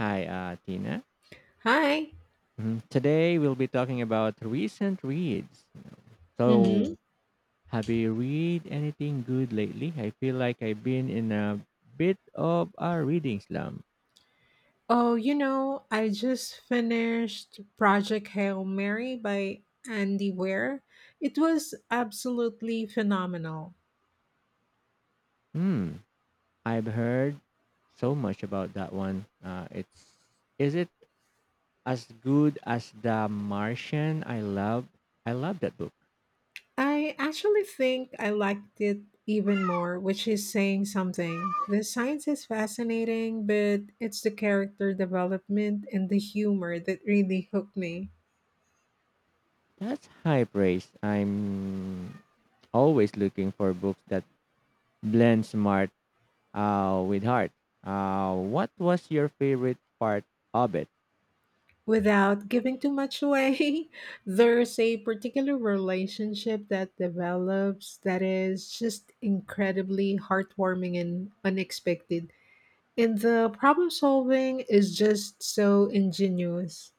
Hi, Tina. Hi. Mhm. Today we'll be talking about recent reads. Mm-hmm. So, have you read anything good lately? I feel like I've been in a bit of a reading slump. Oh, you know, I just finished Project Hail Mary by Andy Weir. It was absolutely phenomenal. Hmm. I've heard so much about that one. It's is it as good as The Martian? I love that book. I actually think I liked it even more, which is saying something. The science is fascinating, but it's the character development and the humor that really hooked me. That's high praise. I'm always looking for books that blend smart with heart. What was your favorite part of it? Without giving too much away, there's a particular relationship that develops that is just incredibly heartwarming and unexpected. And the problem solving is just so ingenious.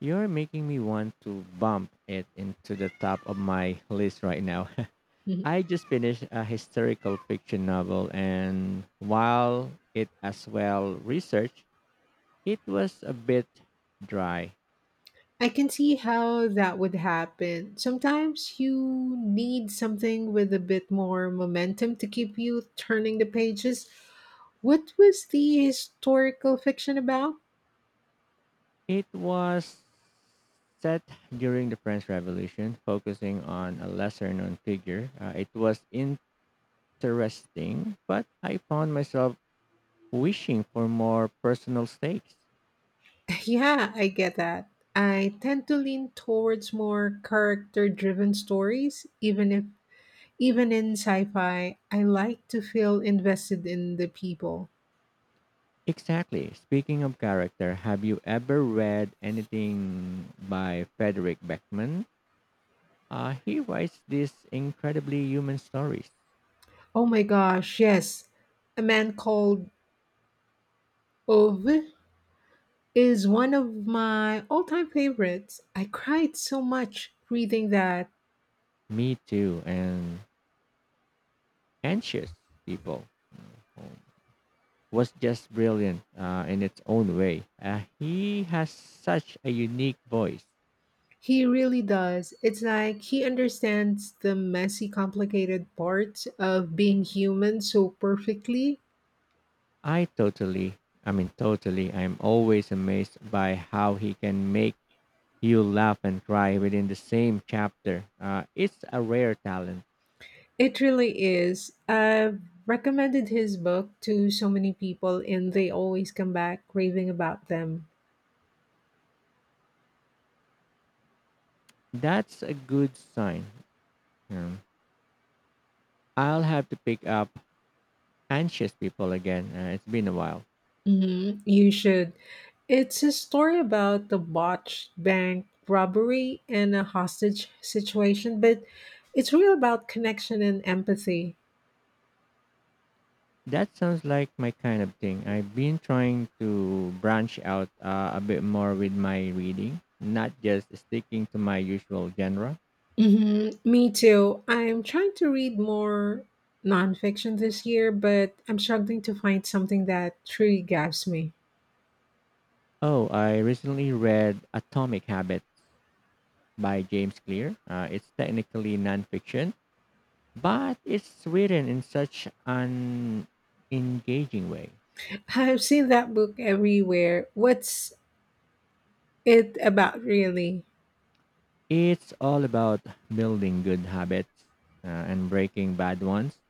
You're making me want to bump it into the top of my list right now. Mhm. I just finished a historical fiction novel, and while it as well researched, it was a bit dry. I can see how that would happen. Sometimes you need something with a bit more momentum to keep you turning the pages. What was the historical fiction about? It was set during the French Revolution, focusing on a lesser known figure. It was interesting, but I found myself wishing for more personal stakes. Yeah, I get that. I tend to lean towards more character-driven stories, even if even in sci-fi, I like to feel invested in the people. Exactly. Speaking of character, have you ever read anything by Frederick Beckman? He writes these incredibly human stories. Oh my gosh, yes. A man called Ove is one of my all-time favorites. I cried so much reading that. Me too, and anxious people. Mm-hmm. Was just brilliant in its own way. He has such a unique voice. He really does. It's like he understands the messy, complicated parts of being human so perfectly. I totally, I mean, totally, I'm always amazed by how he can make you laugh and cry within the same chapter. It's a rare talent. It really is. I've recommended his book to so many people, and they always come back raving about them. That's a good sign. Um, I'll have to pick up Anxious People again. It's been a while. Hmm. You should. It's a story about the botched bank robbery and a hostage situation, but it's real about connection and empathy. That sounds like my kind of thing. I've been trying to branch out a bit more with my reading, not just sticking to my usual genre. Hmm. Me too. I'm trying to read more nonfiction this year, but I'm struggling to find something that truly grabs me. Oh, I recently read Atomic Habits by James Clear. It's technically nonfiction, but it's written in such an engaging way. I've seen that book everywhere. What's it about really? It's all about building good habits and breaking bad ones,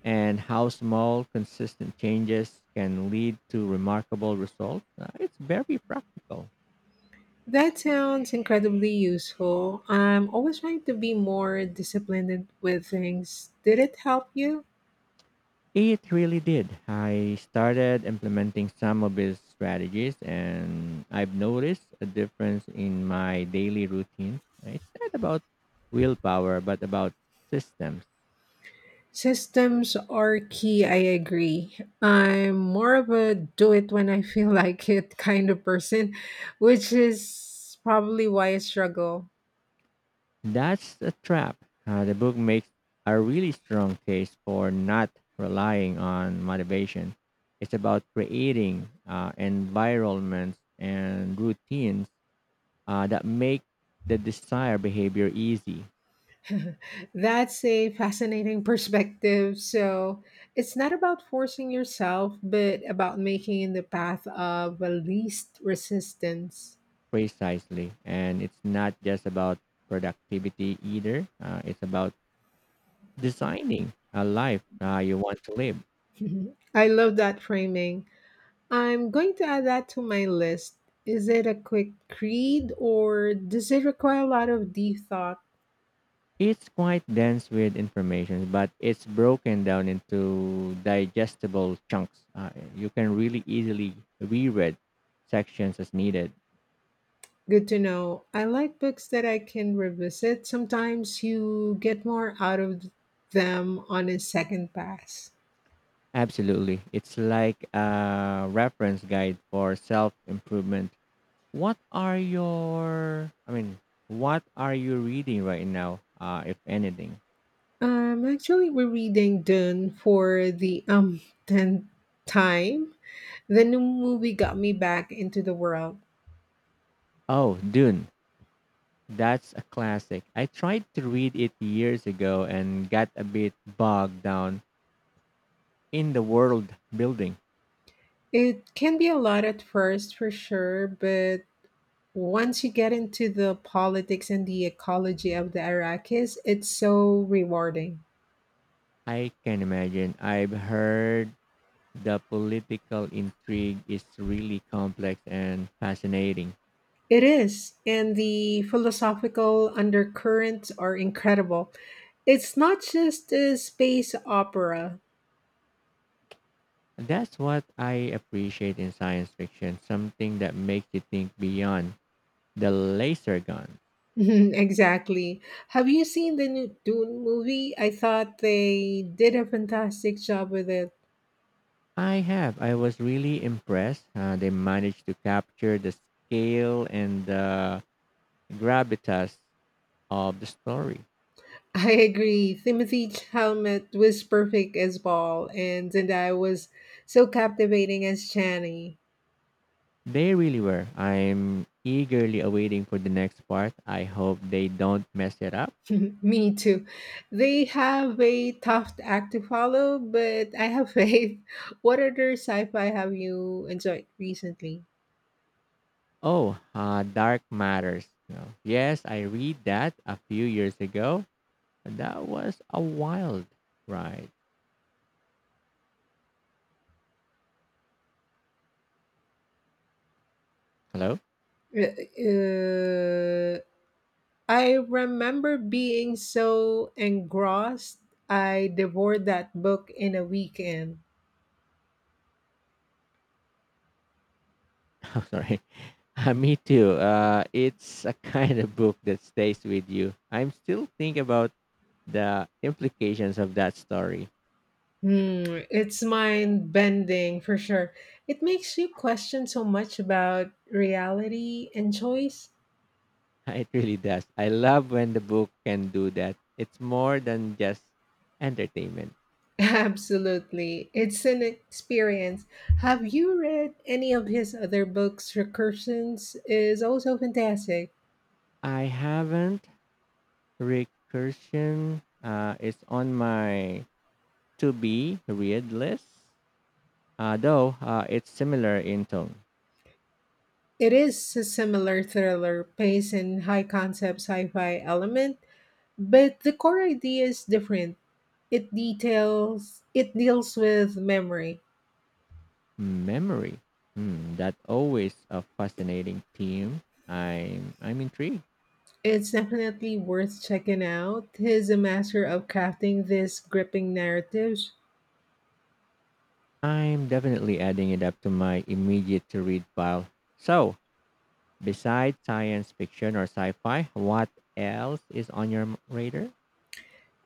and how small, consistent changes can lead to remarkable results. It's very practical. That sounds incredibly useful. I'm always trying to be more disciplined with things. Did it help you? It really did. I started implementing some of his strategies, and I've noticed a difference in my daily routine. It's not about willpower, but about systems. Systems are key, I agree. I'm more of a do it when I feel like it kind of person, which is probably why I struggle. That's the trap. The book makes a really strong case for not relying on motivation. It's about creating environments and routines that make the desired behavior easy, That's a fascinating perspective. So it's not about forcing yourself, but about making in the path of least resistance. precisely. And it's not just about productivity either, it's about designing a life you want to live. Mhm. I love that framing. I'm going to add that to my list. Is it a quick read or does it require a lot of deep thought? It's quite dense with information, but it's broken down into digestible chunks. You can really easily reread sections as needed. Good to know. I like books that I can revisit. Sometimes you get more out of them on a second pass. Absolutely. It's like a reference guide for self improvement. What are your, I mean, what are you reading right now, if anything? Actually, we're reading Dune for the tenth time. The new movie got me back into the world. Oh, Dune. That's a classic. I tried to read it years ago and got a bit bogged down in the world building. It can be a lot at first, for sure, but once you get into the politics and the ecology of the Iraqis, it's so rewarding. I can imagine. I've heard the political intrigue is really complex and fascinating. It is, and the philosophical undercurrents are incredible. It's not just a space opera. That's what I appreciate in science fiction, something that makes you think beyond the laser gun. Exactly. Have you seen the new Dune movie? I thought they did a fantastic job with it. I have. I was really impressed. They managed to capture the scale and the gravitas of the story. I agree. Timothy Chalamet was perfect as Paul, and Zendaya was so captivating as Chani. They really were. I'm eagerly awaiting for the next part. I hope they don't mess it up. Me too. They have a tough act to follow, but I have faith. What other sci-fi have you enjoyed recently? Oh, Dark Matters. You know, yes, I read that a few years ago. And That was a wild ride. Hello? Uh, uh, I remember being so engrossed, I devoured that book in a weekend. Oh, sorry. Me too. It's a kind of book that stays with you. I'm still thinking about the implications of that story. Hmm, it's mind bending for sure. It makes you question so much about reality and choice. It really does. I love when the book can do that. It's more than just entertainment. Absolutely. It's an experience. Have you read any of his other books? Recursions is also fantastic. I haven't recursion. It's on my to be readless, though it's similar in tone. It is a similar thriller, pace and high concept sci fi element. But the core idea is different. It deals with memory. Memory. Hmm, that always a fascinating theme. I'm intrigued. It's definitely worth checking out. He's a master of crafting these gripping narratives. I'm definitely adding it up to my immediate to read pile. So, besides science fiction or sci-fi, what else is on your radar?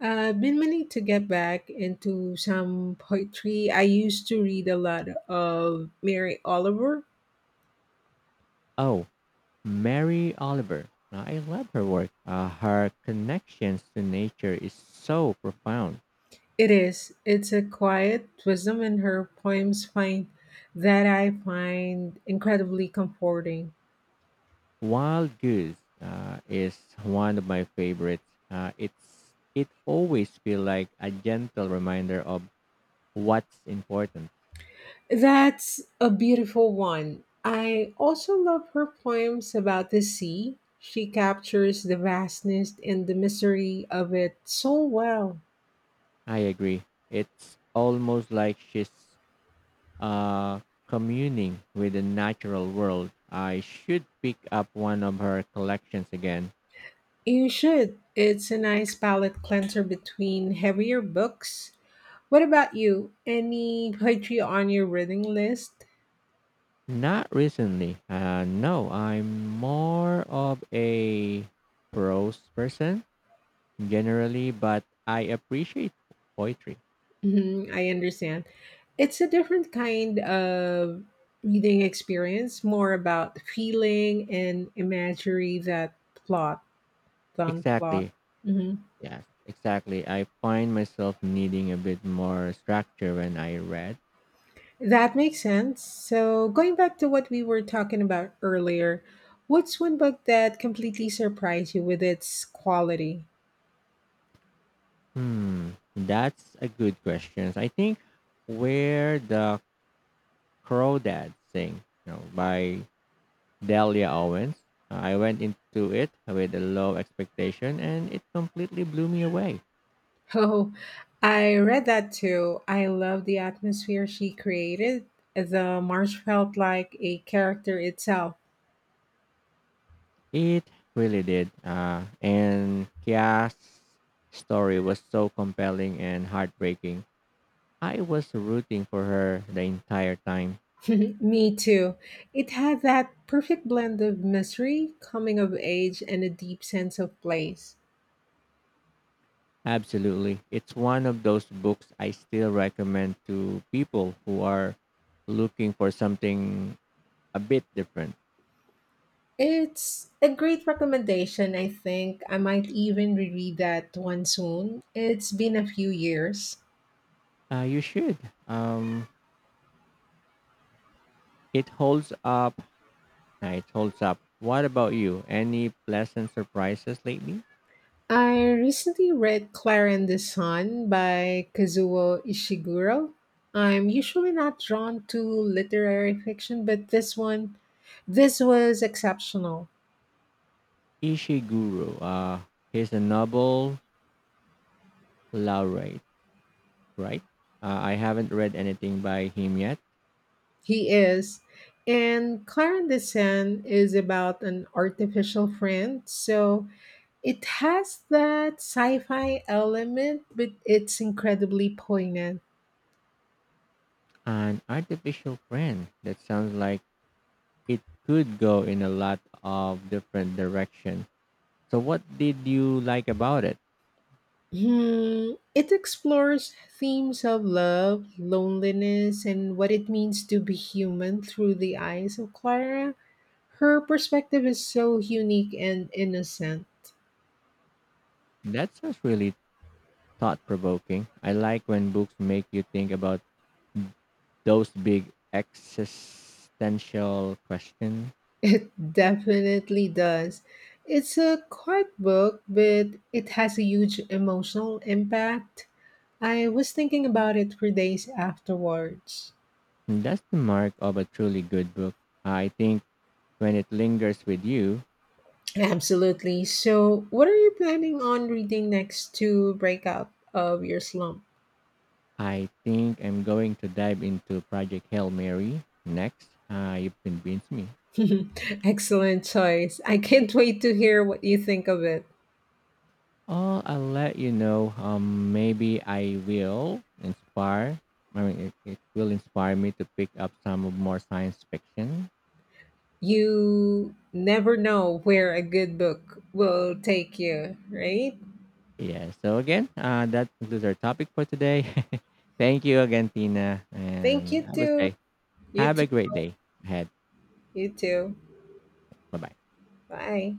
I've been meaning to get back into some poetry. I used to read a lot of Mary Oliver. Oh, Mary Oliver. I love her work. Her connections to nature is so profound. It is. It's a quiet wisdom in her poems find that I find incredibly comforting. Wild Goose is one of my favorites. It always feel like a gentle reminder of what's important. That's a beautiful one. I also love her poems about the sea. She captures the vastness and the mystery of it so well. I agree. It's almost like she's uh, communing with the natural world. I should pick up one of her collections again. You should. It's a nice palette cleanser between heavier books. What about you? Any poetry on your reading list? Not recently. No, I'm more of a prose person generally, but I appreciate poetry. Mhm, I understand. It's a different kind of reading experience, more about feeling and imagery that plot. Planned plot. Exactly. Hmm. Yeah, exactly. I find myself needing a bit more structure when I read. That makes sense. So, going back to what we were talking about earlier, what's one book that completely surprised you with its quality? Hmm, that's a good question. I think where the Crawdads sing, you know, by Delia Owens. I went into it with a low expectation, and it completely blew me away. Oh, I read that too. I love the atmosphere she created. The marsh felt like a character itself. It really did. And Kia's story was so compelling and heartbreaking. I was rooting for her the entire time. Me too. It had that perfect blend of mystery, coming of age, and a deep sense of place. Absolutely. It's one of those books I still recommend to people who are looking for something a bit different. It's a great recommendation, I think. I might even reread that one soon. It's been a few years. You should. Um, it holds up. It holds up. What about you? Any pleasant surprises lately? I recently read Clara and the Sun by Kazuo Ishiguro. I'm usually not drawn to literary fiction, but this one, this was exceptional. Ishiguro. He's a Nobel laureate, right? I haven't read anything by him yet. He is. And Clarin is about an artificial friend, so it has that sci-fi element, but it's incredibly poignant. An artificial friend. That sounds like it could go in a lot of different direction. So, what did you like about it? Hmm, it explores themes of love, loneliness, and what it means to be human through the eyes of Clara. Her perspective is so unique and innocent. That's just really thought provoking. I like when books make you think about those big existential questions. It definitely does. It's a quiet book, but it has a huge emotional impact. I was thinking about it for days afterwards. And that's the mark of a truly good book. I think when it lingers with you, Absolutely. So, what are you planning on reading next to break out of your slump? I think I'm going to dive into Project Hail Mary next. You've convinced me. Excellent choice. I can't wait to hear what you think of it. Oh, I'll let you know. Maybe I will inspire. I mean, it will inspire me to pick up some more science fiction. You never know where a good book will take you, right? Yeah. So again, that concludes our topic for today. Thank you again, Tina, Thank you and I would too. say You have too. a great day ahead. You too. Bye bye. Bye.